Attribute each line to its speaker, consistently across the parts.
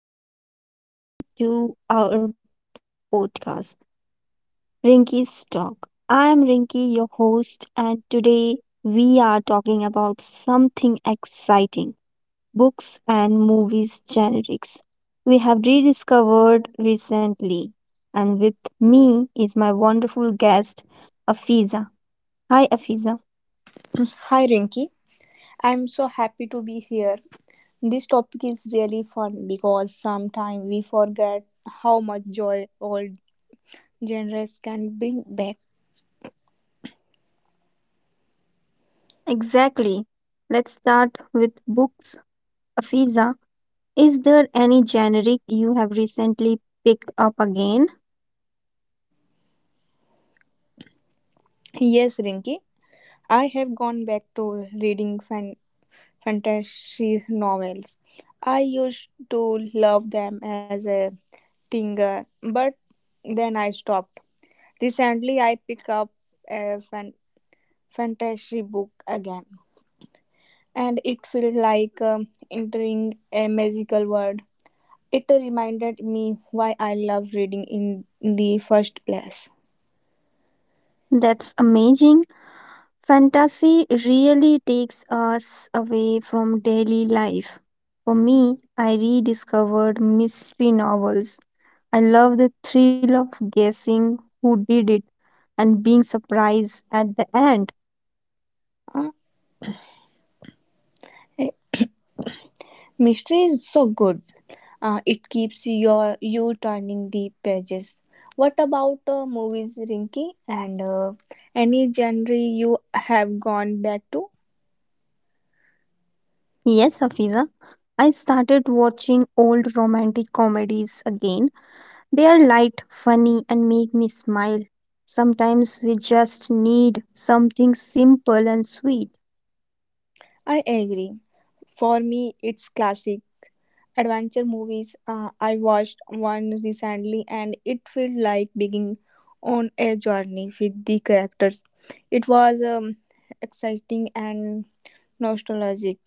Speaker 1: Hello, everyone. Welcome to our podcast, Rinky's Talk. I am Rinky, your host, and today we are talking about something exciting books and movies generics. We have rediscovered recently, and with me is my wonderful guest, Afiza. Hi, Afiza.
Speaker 2: Hi Rinki, I'm so happy to be here. This topic is really fun because sometimes we forget how much joy old genres can bring back.
Speaker 1: Exactly. Let's start with books, Afiza. Is there any generic you have recently picked up again?
Speaker 2: Yes, Rinki, I have gone back to reading fantasy novels. I used to love them as a teenager, but then I stopped. Recently, I picked up a fantasy book again, and it felt like entering a magical world. It reminded me why I love reading in the first place.
Speaker 1: That's amazing. Fantasy really takes us away from daily life. For me, I rediscovered mystery novels. I love the thrill of guessing who did it and being surprised at the end.
Speaker 2: Uh, eh, Mystery is so good. It keeps you turning the pages. What about movies, Rinky? And Any genre you have gone back to?
Speaker 1: Yes, Afiza. I started watching old romantic comedies again. They are light, funny, and make me smile. Sometimes we just need something simple and sweet.
Speaker 2: I agree. For me, it's classic adventure movies. I watched one recently and it felt like being on a journey with the characters. It was exciting and nostalgic.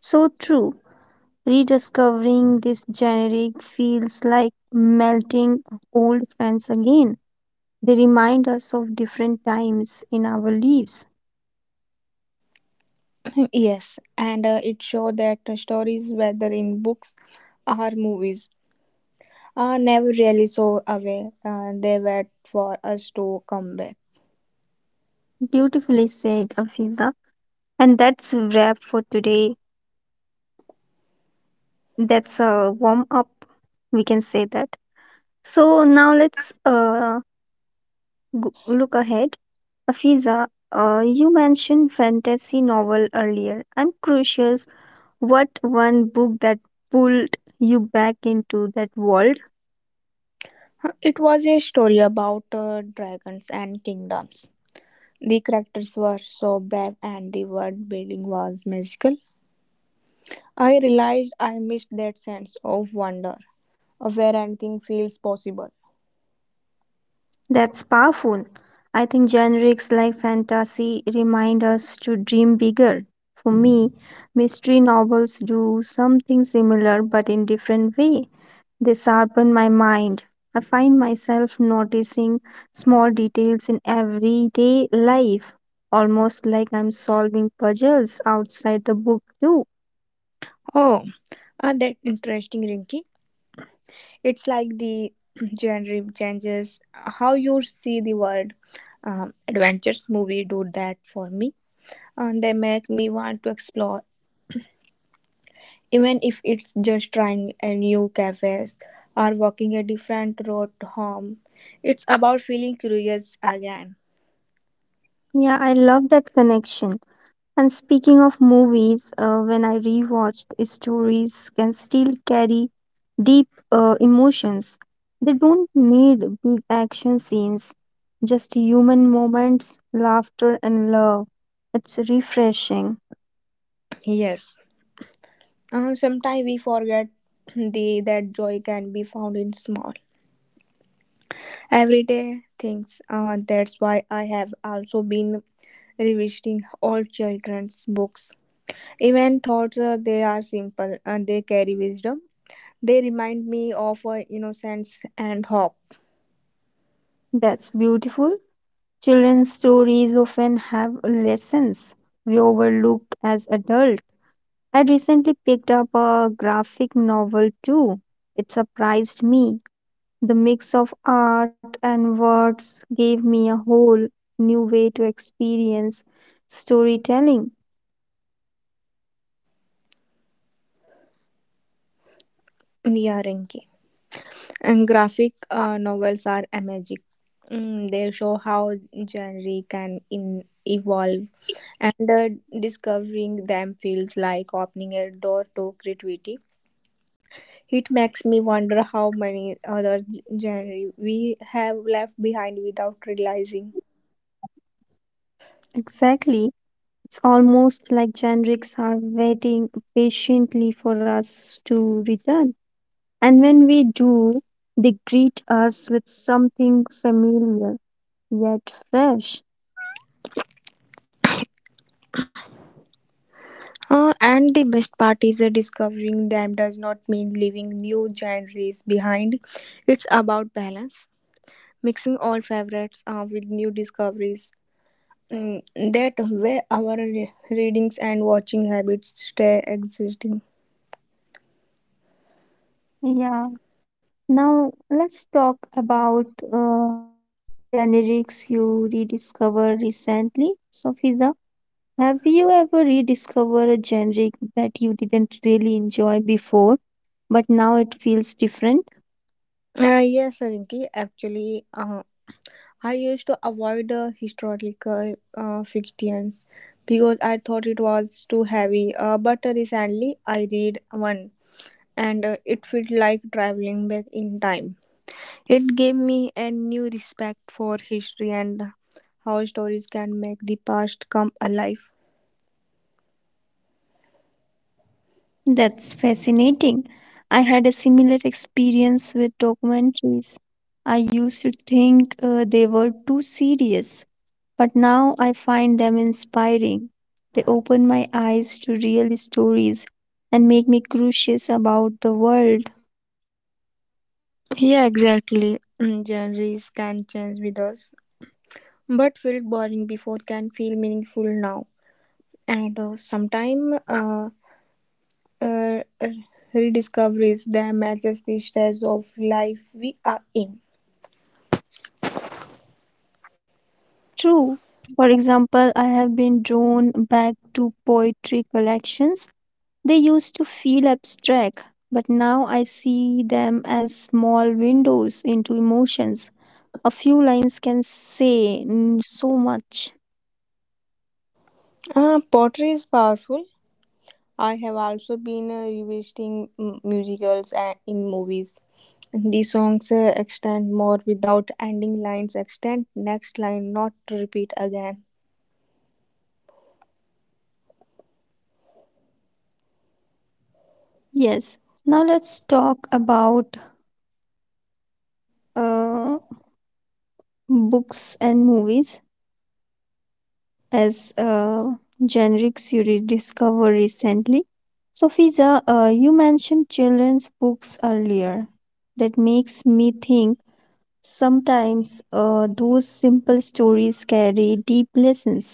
Speaker 1: So true. Rediscovering this generic feels like melting old friends again. They remind us of different times in our lives.
Speaker 2: Yes, and it showed that stories, whether in books or movies, are never really so away. They wait for us to come back.
Speaker 1: Beautifully said, Afiza. And that's wrap for today. That's a warm up, we can say that. So now let's look ahead. Afiza, you mentioned fantasy novel earlier. I'm curious what one book that pulled you back into that world?
Speaker 2: It was a story about dragons and kingdoms. The characters were so brave and the world building was magical. I realized I missed that sense of wonder, of where anything feels possible.
Speaker 1: That's powerful. I think genres like fantasy remind us to dream bigger. For me, mystery novels do something similar but in different way. They sharpen my mind. I find myself noticing small details in everyday life, almost like I'm solving puzzles outside the book, too.
Speaker 2: Oh, that interesting, Rinky. It's like the genre changes how you see the world. Adventures movie do that for me, and they make me want to explore, even if it's just trying a new cafes or walking a different road home. It's about feeling curious again.
Speaker 1: Yeah, I love that connection. And speaking of movies, when I rewatched, stories can still carry deep emotions. They don't need big action scenes, just human moments, laughter, and love. It's refreshing.
Speaker 2: Yes. Sometimes we forget the that joy can be found in small everyday things. That's why I have also been revisiting all children's books. Even thoughts they are simple and they carry wisdom. They remind me of innocence and hope.
Speaker 1: That's beautiful. Children's stories often have lessons we overlook as adults. I recently picked up a graphic novel too. It surprised me. The mix of art and words gave me a whole new way to experience storytelling.
Speaker 2: Nia Renki. And graphic novels are magic. Mm, they show how genre can evolve and discovering them feels like opening a door to creativity. It makes me wonder how many other genres we have left behind without realizing.
Speaker 1: Exactly. It's almost like genres are waiting patiently for us to return. And when we do, they greet us with something familiar yet fresh.
Speaker 2: And the best part is that discovering them does not mean leaving new genres behind. It's about balance, mixing old favorites with new discoveries. Mm, that way, our readings and watching habits stay existing.
Speaker 1: Yeah. Now let's talk about uh, generics you rediscovered recently. So, Fiza, have you ever rediscovered a generic that you didn't really enjoy before, but now it feels different?
Speaker 2: Yes, Rinki. Actually, I used to avoid historical fictions because I thought it was too heavy. But Recently, I read one, and it felt like traveling back in time. It gave me a new respect for history and how stories can make the past come alive.
Speaker 1: That's fascinating. I had a similar experience with documentaries. I used to think they were too serious, but now I find them inspiring. They open my eyes to real stories and make me curious about the world.
Speaker 2: Yeah, exactly. Mm, genres can change with us, but felt boring before can feel meaningful now. And sometimes uh, rediscoveries that matches the stage of life we are in.
Speaker 1: True. For example, I have been drawn back poetry collections. They used to feel abstract, but now I see them as small windows into emotions. A few lines can say so much.
Speaker 2: Pottery is powerful. I have also been revisiting mm, musicals and in movies. The songs extend more without ending lines, extend next line, not to repeat again.
Speaker 1: Yes. Now let's talk about uh, books and movies. As generics you rediscover recently. So, Fiza, you mentioned children's books earlier. That makes me think sometimes those simple stories carry deep lessons.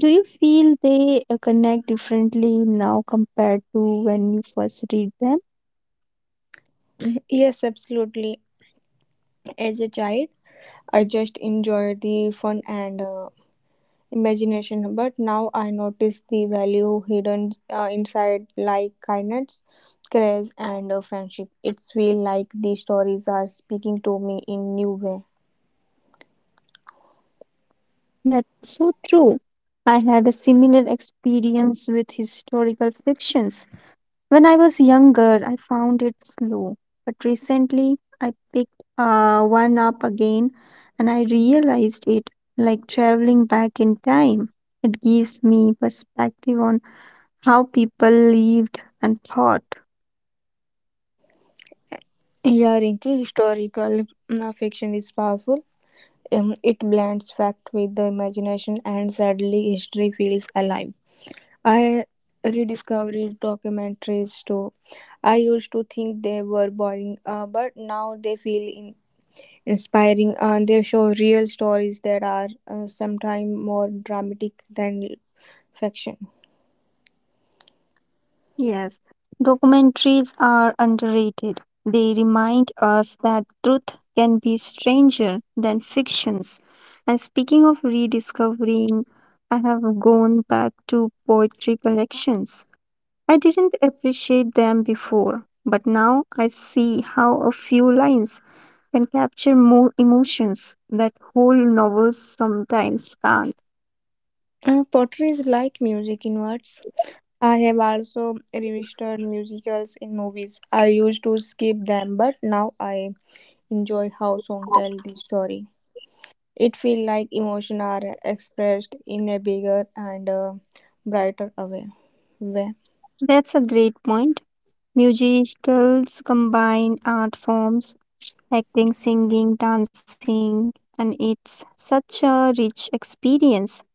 Speaker 1: Do you feel they connect differently now compared to when you first read them?
Speaker 2: Yes, absolutely. As a child, I just enjoyed the fun and imagination. But now I notice the value hidden inside, like kindness, grace, and friendship. It's feel like these stories are speaking to me in new way.
Speaker 1: That's so true. I had a similar experience with historical fictions. When I was younger, I found it slow, but recently I picked one up again and I realized it like traveling back in time. It gives me perspective on how people lived and thought.
Speaker 2: Yeah, Rinki, historical fiction is powerful. It blends fact with the imagination, and sadly, history feels alive. I rediscovered documentaries too. I used to think they were boring, but now they feel in. Inspiring, and they show real stories that are sometimes more dramatic than fiction.
Speaker 1: Yes, documentaries are underrated. They remind us that truth can be stranger than fictions. And speaking of rediscovering, I have gone back to poetry collections. I didn't appreciate them before, but now I see how a few lines can capture more emotions that whole novels sometimes can't.
Speaker 2: Pottery is like music in words. I have also revisited musicals in movies. I used to skip them, but now I enjoy how songs tell the story. It feels like emotions are expressed in a bigger and brighter way.
Speaker 1: That's a great point. Musicals combine art forms, acting, singing, dancing, and it's such a rich experience.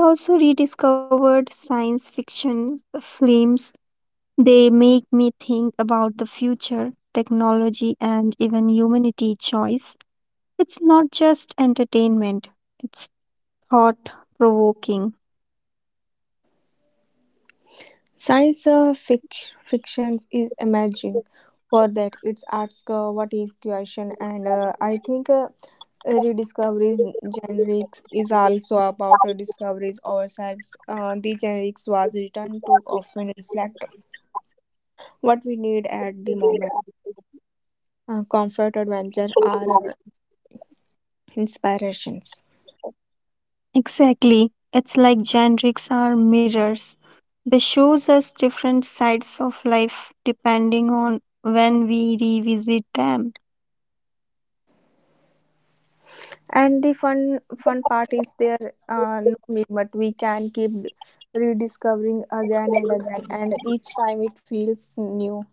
Speaker 1: I also rediscovered science fiction films. They make me think about the future, technology, and even humanity choice. It's not just entertainment, it's thought provoking.
Speaker 2: Science fiction is amazing for that. It's asks what if question, and I think rediscoveries generics is also about discoveries ourselves. The generics was written to often reflect what we need at the moment. Comfort, adventure are inspirations.
Speaker 1: Exactly. It's like generics are mirrors. They shows us different sides of life depending on when we revisit them.
Speaker 2: And the fun part is there no limit. We can keep rediscovering again and again, and each time it feels new.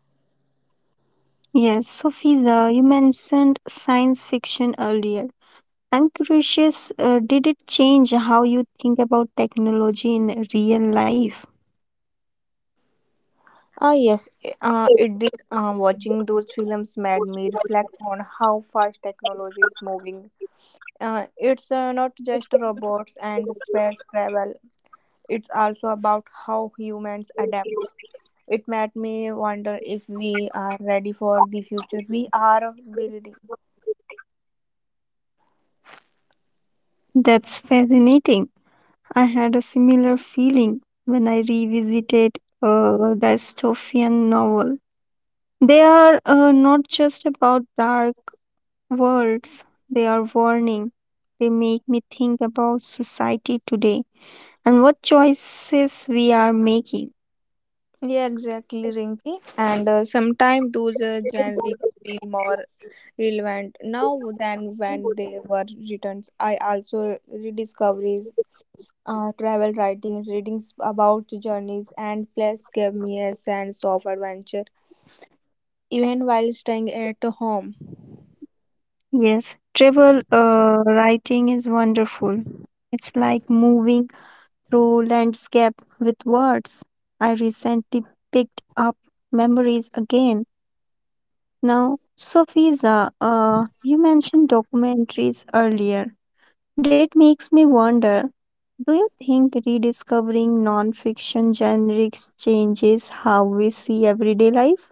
Speaker 1: Yes, Sophia, you mentioned science fiction earlier. I'm curious, did it change how you think about technology in real life?
Speaker 2: Ah, yes, it did. Watching those films made me reflect on how fast technology is moving. It's not just robots and space travel. It's also about how humans adapt. It made me wonder if we are ready for the future we are building.
Speaker 1: That's fascinating. I had a similar feeling when I revisited a dystopian novel. They are not just about dark worlds, they are warning. They make me think about society today and what choices we are making.
Speaker 2: Yeah, exactly, Rinki. And sometimes those generics feel more relevant now than when they were written. I also rediscoveries travel writing, readings about journeys and place gave me a sense of adventure, even while staying at home.
Speaker 1: Yes, travel writing is wonderful. It's like moving through landscape with words. I recently picked up memories again. Now, Sofisa, you mentioned documentaries earlier. That makes me wonder, do you think rediscovering non-fiction genres changes how we see everyday life?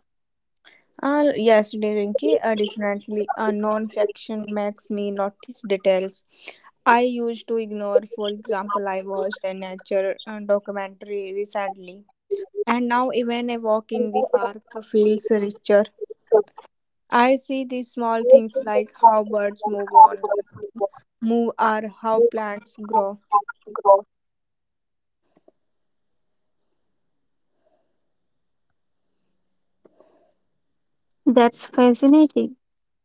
Speaker 2: Yes, Rinki, definitely. Non-fiction makes me notice details I used to ignore. For example, I watched a nature documentary recently. And now, even a walk in the park feels richer. I see these small things like how birds move on, move, or how plants grow.
Speaker 1: That's fascinating.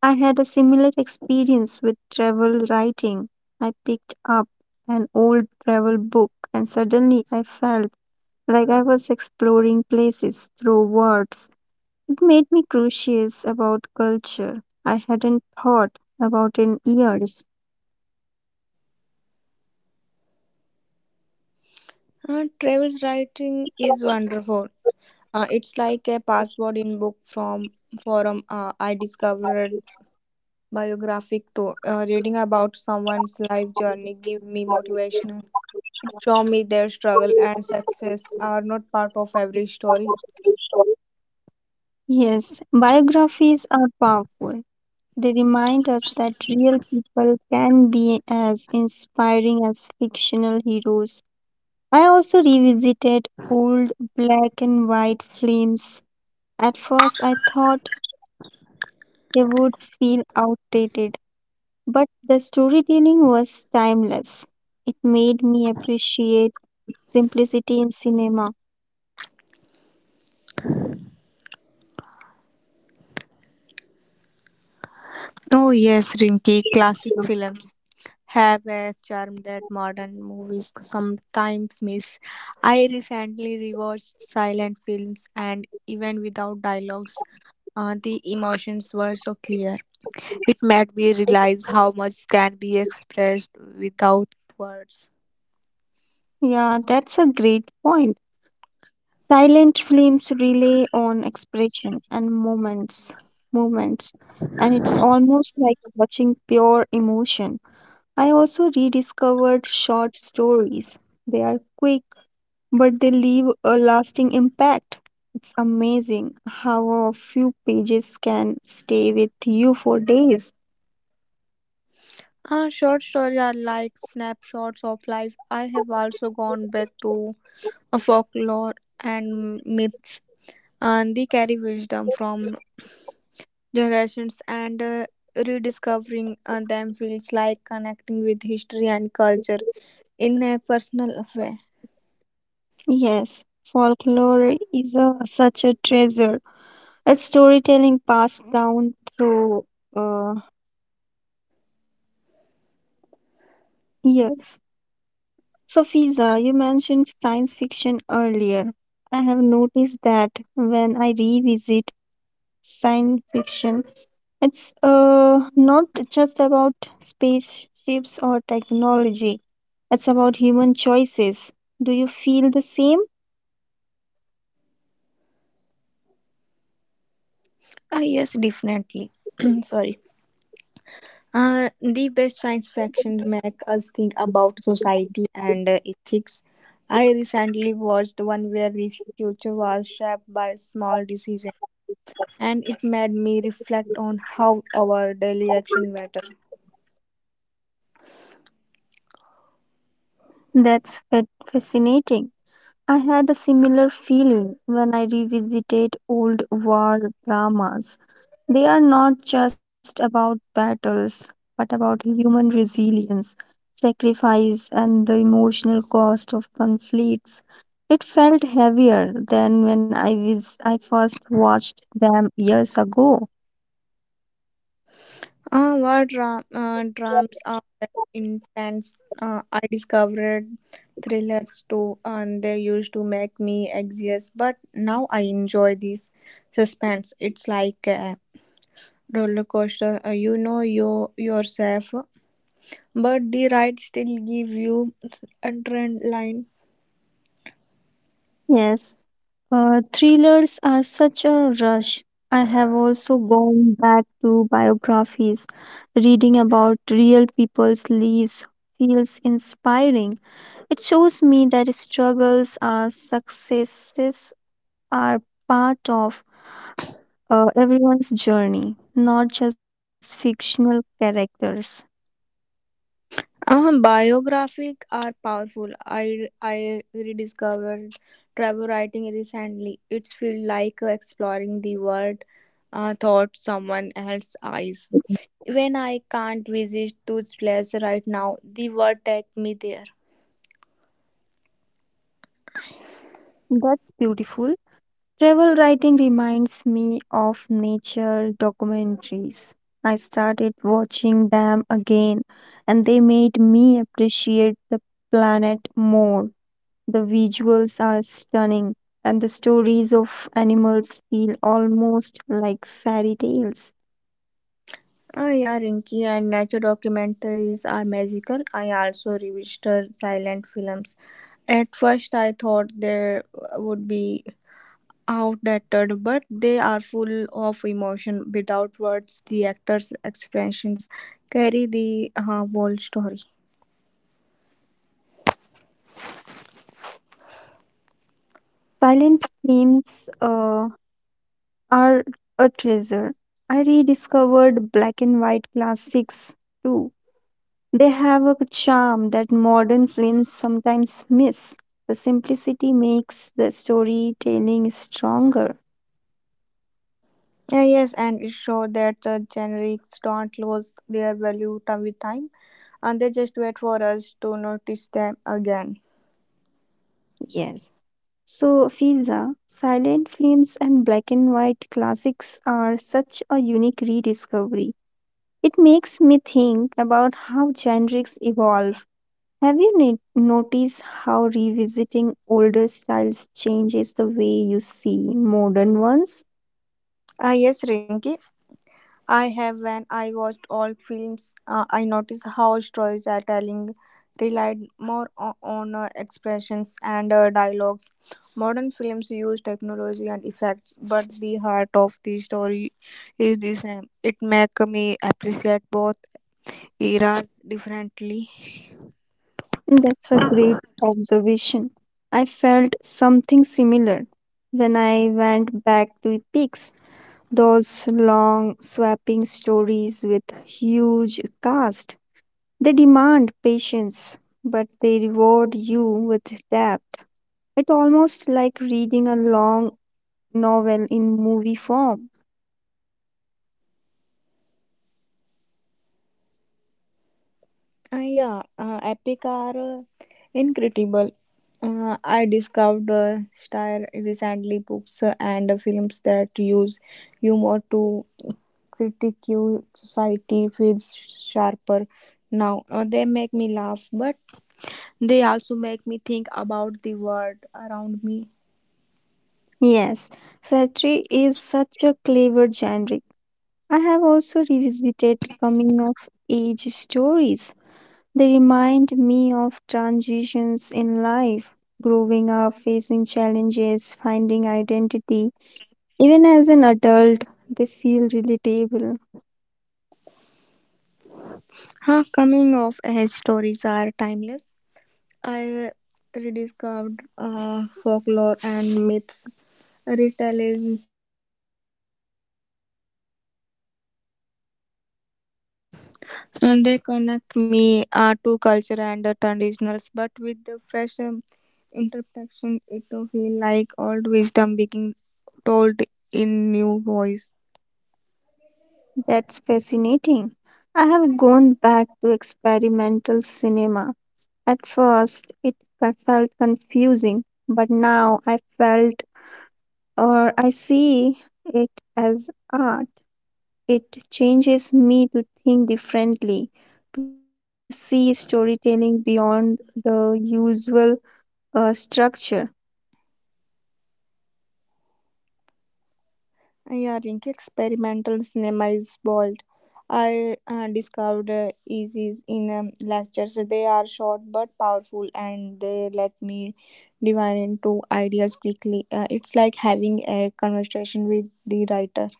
Speaker 1: I had a similar experience with travel writing. I picked up an old travel book and suddenly I felt like I was exploring places through words. It made me curious about culture I hadn't thought about in years.
Speaker 2: Travel writing is wonderful. It's like a passport in book from forum. I discovered biographic too. Reading about someone's life journey give me motivation. Show me their struggle and success are not part of every story.
Speaker 1: Yes, biographies are powerful. They remind us that real people can be as inspiring as fictional heroes. I also revisited old black and white films. At first, I thought they would feel outdated, but the storytelling was timeless. It made me appreciate simplicity in cinema.
Speaker 2: Oh yes, Rinki. Classic films have a charm that modern movies sometimes miss. I recently rewatched silent films, and even without dialogues, the emotions were so clear. It made me realize how much can be expressed without words.
Speaker 1: Yeah, that's a great point. Silent films rely on expression and moments, and it's almost like watching pure emotion. I also rediscovered short stories. They are quick, but they leave a lasting impact. It's amazing how a few pages can stay with you for days.
Speaker 2: Short stories are like snapshots of life. I have also gone back to folklore and myths, and they carry wisdom from generations, and rediscovering them feels like connecting with history and culture in a personal way.
Speaker 1: Yes, folklore is a, such a treasure. It's storytelling passed down through uh, years. So, Fiza, you mentioned science fiction earlier. I have noticed that when I revisit science fiction it's not just about spaceships or technology, it's about human choices. Do you feel the same?
Speaker 2: Ah, yes, definitely. Sorry. The best science fiction make us think about society and ethics. I recently watched one where the future was shaped by small decisions, and it made me reflect on how our daily action matters.
Speaker 1: That's fa- fascinating. I had a similar feeling when I revisited old war dramas. They are not just about battles, but about human resilience, sacrifice, and the emotional cost of conflicts. It felt heavier than when I first watched them years ago.
Speaker 2: What dramas are intense. I discovered thrillers too, and they used to make me anxious. But now I enjoy this suspense. It's like a roller coaster. You know you yourself, but the ride still give you adrenaline.
Speaker 1: Yes, thrillers are such a rush. I have also gone back to biographies. Reading about real people's lives feels inspiring. It shows me that struggles are successes are part of everyone's journey, not just fictional characters.
Speaker 2: Biographic are powerful. I rediscovered travel writing recently. It feels like exploring the world through someone else's eyes. When I can't visit those places right now, the world take me there.
Speaker 1: That's beautiful. Travel writing reminds me of nature documentaries. I started watching them again and they made me appreciate the planet more. The visuals are stunning and the stories of animals feel almost like fairy tales.
Speaker 2: Ah, yeah, Rinky, and nature documentaries are magical. I also revisited silent films. At first, I thought there would be outdated, but they are full of emotion. Without words, the actors' expressions carry the whole story.
Speaker 1: Silent films are a treasure. I rediscovered black and white classics too. They have a charm that modern films sometimes miss. The simplicity makes the storytelling stronger.
Speaker 2: Yeah, yes, and it shows that the generics don't lose their value time with time, and they just wait for us to notice them again.
Speaker 1: Yes. So, Fiza, silent films and black and white classics are such a unique rediscovery. It makes me think about how genres evolve. Have you noticed how revisiting older styles changes the way you see modern ones?
Speaker 2: Ah, yes, Rinky. I have when I watched all films, I noticed how storytelling relied more on expressions and dialogues. Modern films use technology and effects, but the heart of the story is the same. It makes me appreciate both eras differently.
Speaker 1: That's a great observation. I felt something similar when I went back to Epics, those long swapping stories with huge cast. They demand patience, but they reward you with depth. It's almost like reading a long novel in movie form.
Speaker 2: Yeah, Epic are incredible. I discovered style recently books and films that use humor to critiquing society feels sharper now. They make me laugh, but they also make me think about the world around me.
Speaker 1: Yes, satire is such a clever genre. I have also revisited coming of age stories. They remind me of transitions in life, growing up, facing challenges, finding identity. Even as an adult, they feel relatable.
Speaker 2: Huh, coming of age stories are timeless. I rediscovered
Speaker 3: And they connect me to culture and the traditionals, but with the fresh interpretation, it will feel like old wisdom being told in new voice.
Speaker 1: That's fascinating. I have gone back to experimental cinema. At first, it I felt confusing, but now I felt or I see it as art. It changes me to think differently, to see storytelling beyond the usual uh,
Speaker 3: Yeah, Rinky, experimental cinema is bold. I discovered EZs in lectures. They are short but powerful, and they let me divide into ideas quickly. It's like having a conversation with the writer.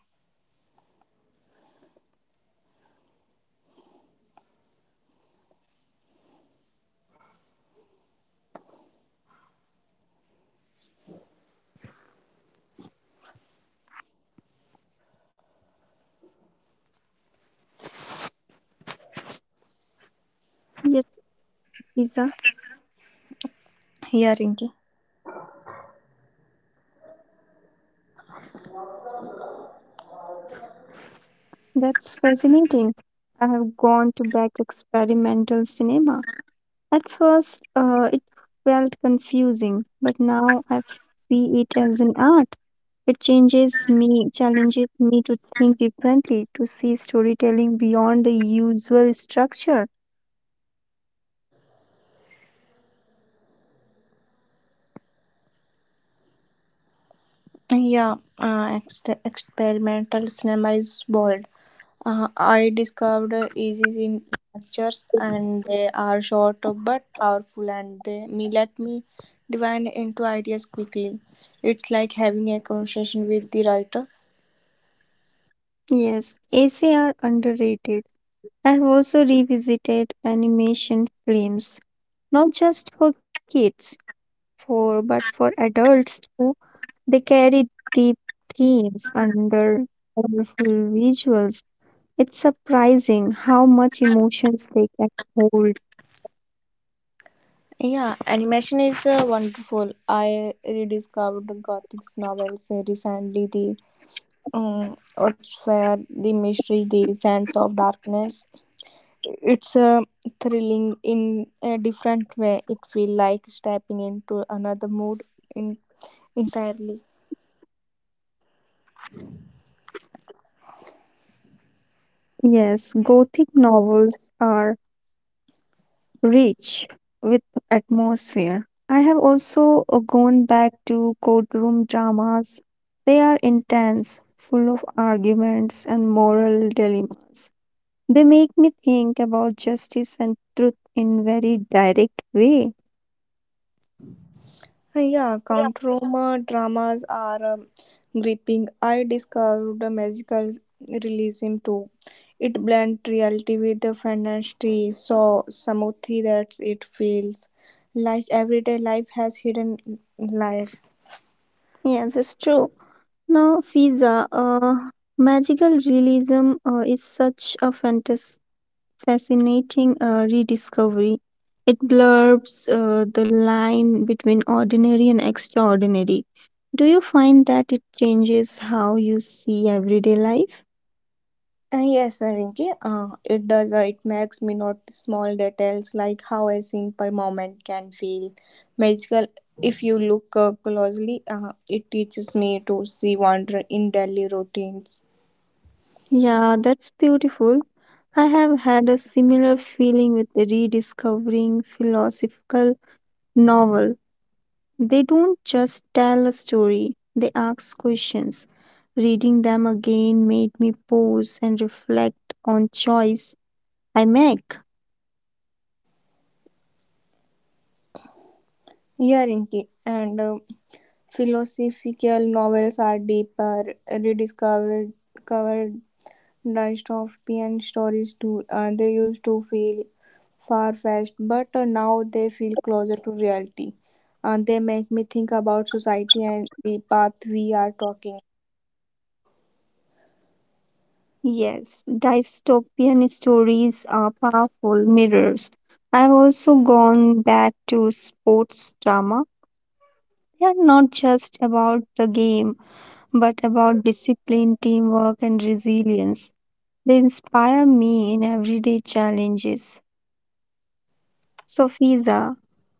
Speaker 1: Lisa,
Speaker 3: Yeah, Rinky.
Speaker 1: that's fascinating. I have gone to back experimental cinema. At first, it felt confusing, but now I see it as an art. It changes me, challenges me to think differently, to see storytelling beyond the usual structure.
Speaker 3: Yeah, experimental cinema is bold. I discovered easy in lectures, and they are short but powerful, and they me let me divine into ideas quickly. It's like having a conversation with the writer.
Speaker 1: Yes, AC are underrated. I have also revisited animation films, not just for kids, for but for adults too. They carry deep themes under colorful visuals. It's surprising how much emotions they can hold.
Speaker 3: Yeah, animation is wonderful. I rediscovered the Gothic novels recently. The what's where the mystery, the sense of darkness, it's a thrilling in a different way. It feels like stepping into another mood in, entirely.
Speaker 1: Yes, Gothic novels are rich with atmosphere. I have also gone back to courtroom dramas. They are intense, full of arguments and moral dilemmas. They make me think about justice and truth in very direct way.
Speaker 3: Yeah,
Speaker 1: Yeah.
Speaker 3: countroma dramas are gripping. I discovered a magical realism too. It blends reality with the fantasy so smoothly that it feels like everyday life has hidden layers.
Speaker 1: Yes, it's true. Now, Fiza, magical realism is such a fantasy fascinating rediscovery. It blurbs the line between ordinary and extraordinary. Do you find that it changes how you see everyday life?
Speaker 3: Yes, Rinki, it does. It makes me notice small details like how a simple moment can feel magical. If you look closely, it teaches me to see wonder in daily routines.
Speaker 1: Yeah, that's beautiful. I have had a similar feeling with the rediscovering philosophical novel. They don't just tell a story, they ask questions. Reading them again made me pause and reflect on choice I make.
Speaker 3: Yeah, Rinki, and philosophical novels are deeper, rediscovered, covered dystopian stories too. They used to feel far-fetched, but now they feel closer to reality. They make me think about society and the path we are talking.
Speaker 1: Yes, dystopian stories are powerful mirrors. I've also gone back to sports drama. They are not just about the game, but about discipline, teamwork, and resilience. They inspire me in everyday challenges. Sophisa,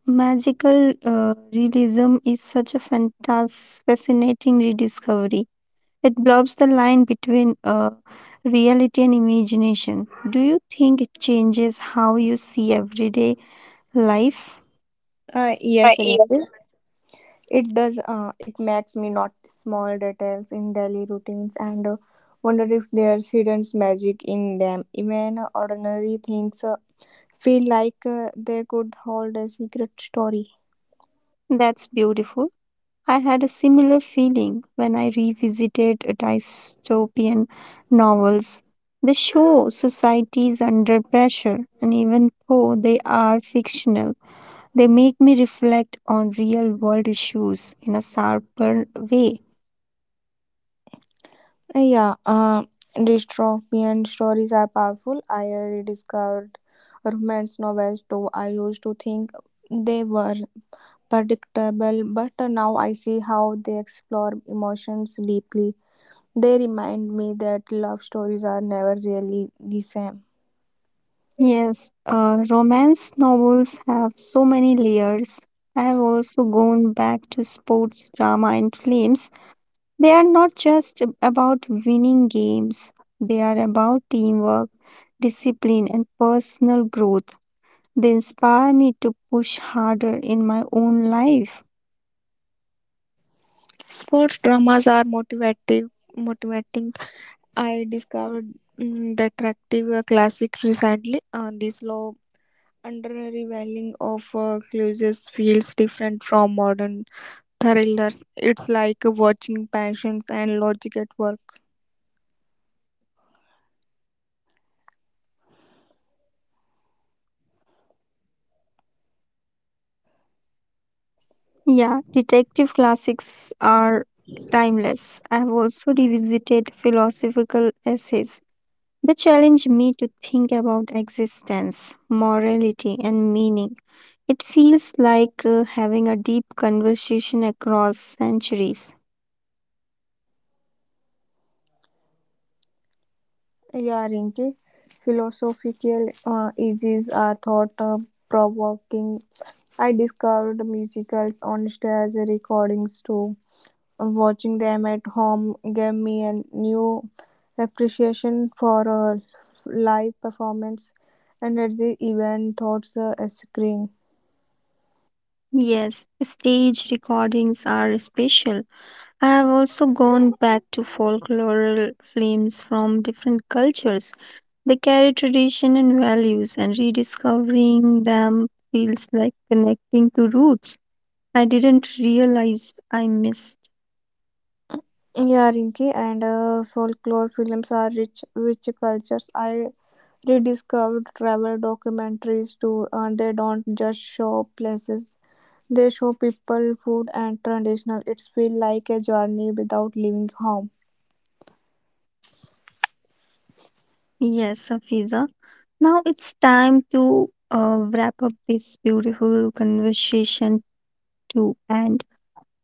Speaker 1: magical realism is such a fascinating rediscovery. It blurs the line between reality and imagination. Do you think it changes how you see everyday life? Right,
Speaker 3: Yes,
Speaker 1: yes.
Speaker 3: Rinky. It does. It makes me notice small details in daily routines and wonder if there's hidden magic in them. Even ordinary things feel like they could hold a secret story.
Speaker 1: That's beautiful. I had a similar feeling when I revisited dystopian novels. They show societies under pressure, and even though they are fictional, they make me reflect on real world issues in a sharper way.
Speaker 3: Yeah, dystopian stories are powerful. I rediscovered romance novels too. I used to think they were predictable, but now I see how they explore emotions deeply. They remind me that love stories are never really the same.
Speaker 1: Yes, romance novels have so many layers. I have also gone back to sports drama and films. They are not just about winning games, they are about teamwork, discipline, and personal growth. They inspire me to push harder in my own life.
Speaker 3: Sports dramas are motivative, motivating. I discovered Detective Classic recently. This slow Contemporary whaling of Clusius feels different from modern thrillers. It's like watching passions and logic at work.
Speaker 1: Yeah, detective classics are timeless. I have also revisited philosophical essays. They challenge me to think about existence, morality, and meaning. It feels like having a deep conversation across centuries.
Speaker 3: Yeah, Rinki. Philosophical issues are thought provoking. I discovered musicals on stage recordings too. Watching them at home gave me a new appreciation for uh, live performance and at the event thoughts a screen.
Speaker 1: Yes, stage recordings are special. I have also gone back to folklore films from different cultures. They carry tradition and values, and rediscovering them feels like connecting to roots I didn't realize I missed.
Speaker 3: Yeah, Rinki, and folklore films are rich, rich cultures. I rediscovered travel documentaries too, and they don't just show places; they show people, food, and traditional. It's feel like a journey without leaving home.
Speaker 1: Yes, Safiza. Now it's time to wrap up this beautiful conversation to end.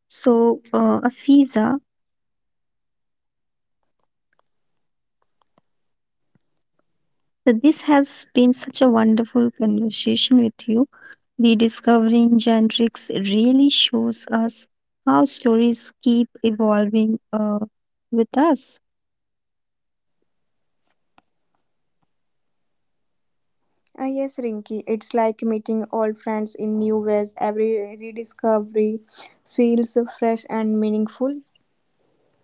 Speaker 1: So, Afiza, so this has been such a wonderful conversation with you. Rediscovering generics really shows us how stories keep evolving with us.
Speaker 3: Ah yes, Rinki, it's like meeting old friends in new ways. Every rediscovery feels fresh and meaningful.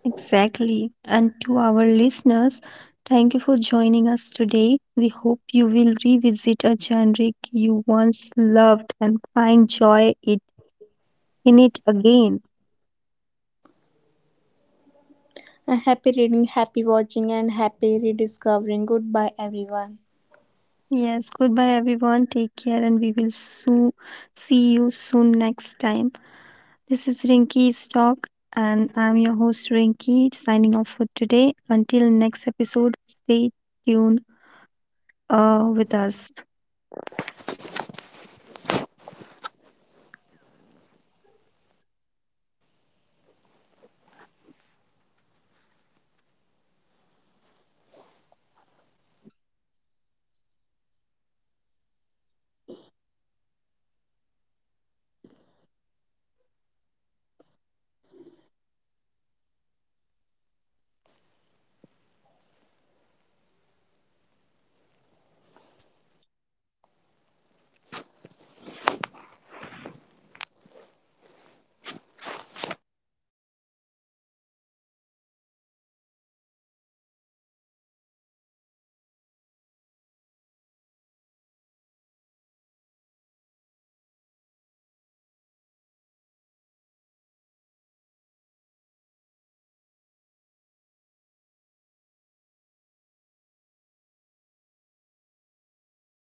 Speaker 1: Exactly. And to our listeners, thank you for joining us today. We hope you will revisit a genre you once loved and find joy in it again.
Speaker 3: Happy reading, happy watching, and happy rediscovering. Goodbye, everyone.
Speaker 1: Yes, goodbye everyone. Take care and we will see you soon next time. This is Rinky's Talk and I'm your host Rinky signing off for today. Until next episode, stay tuned with us.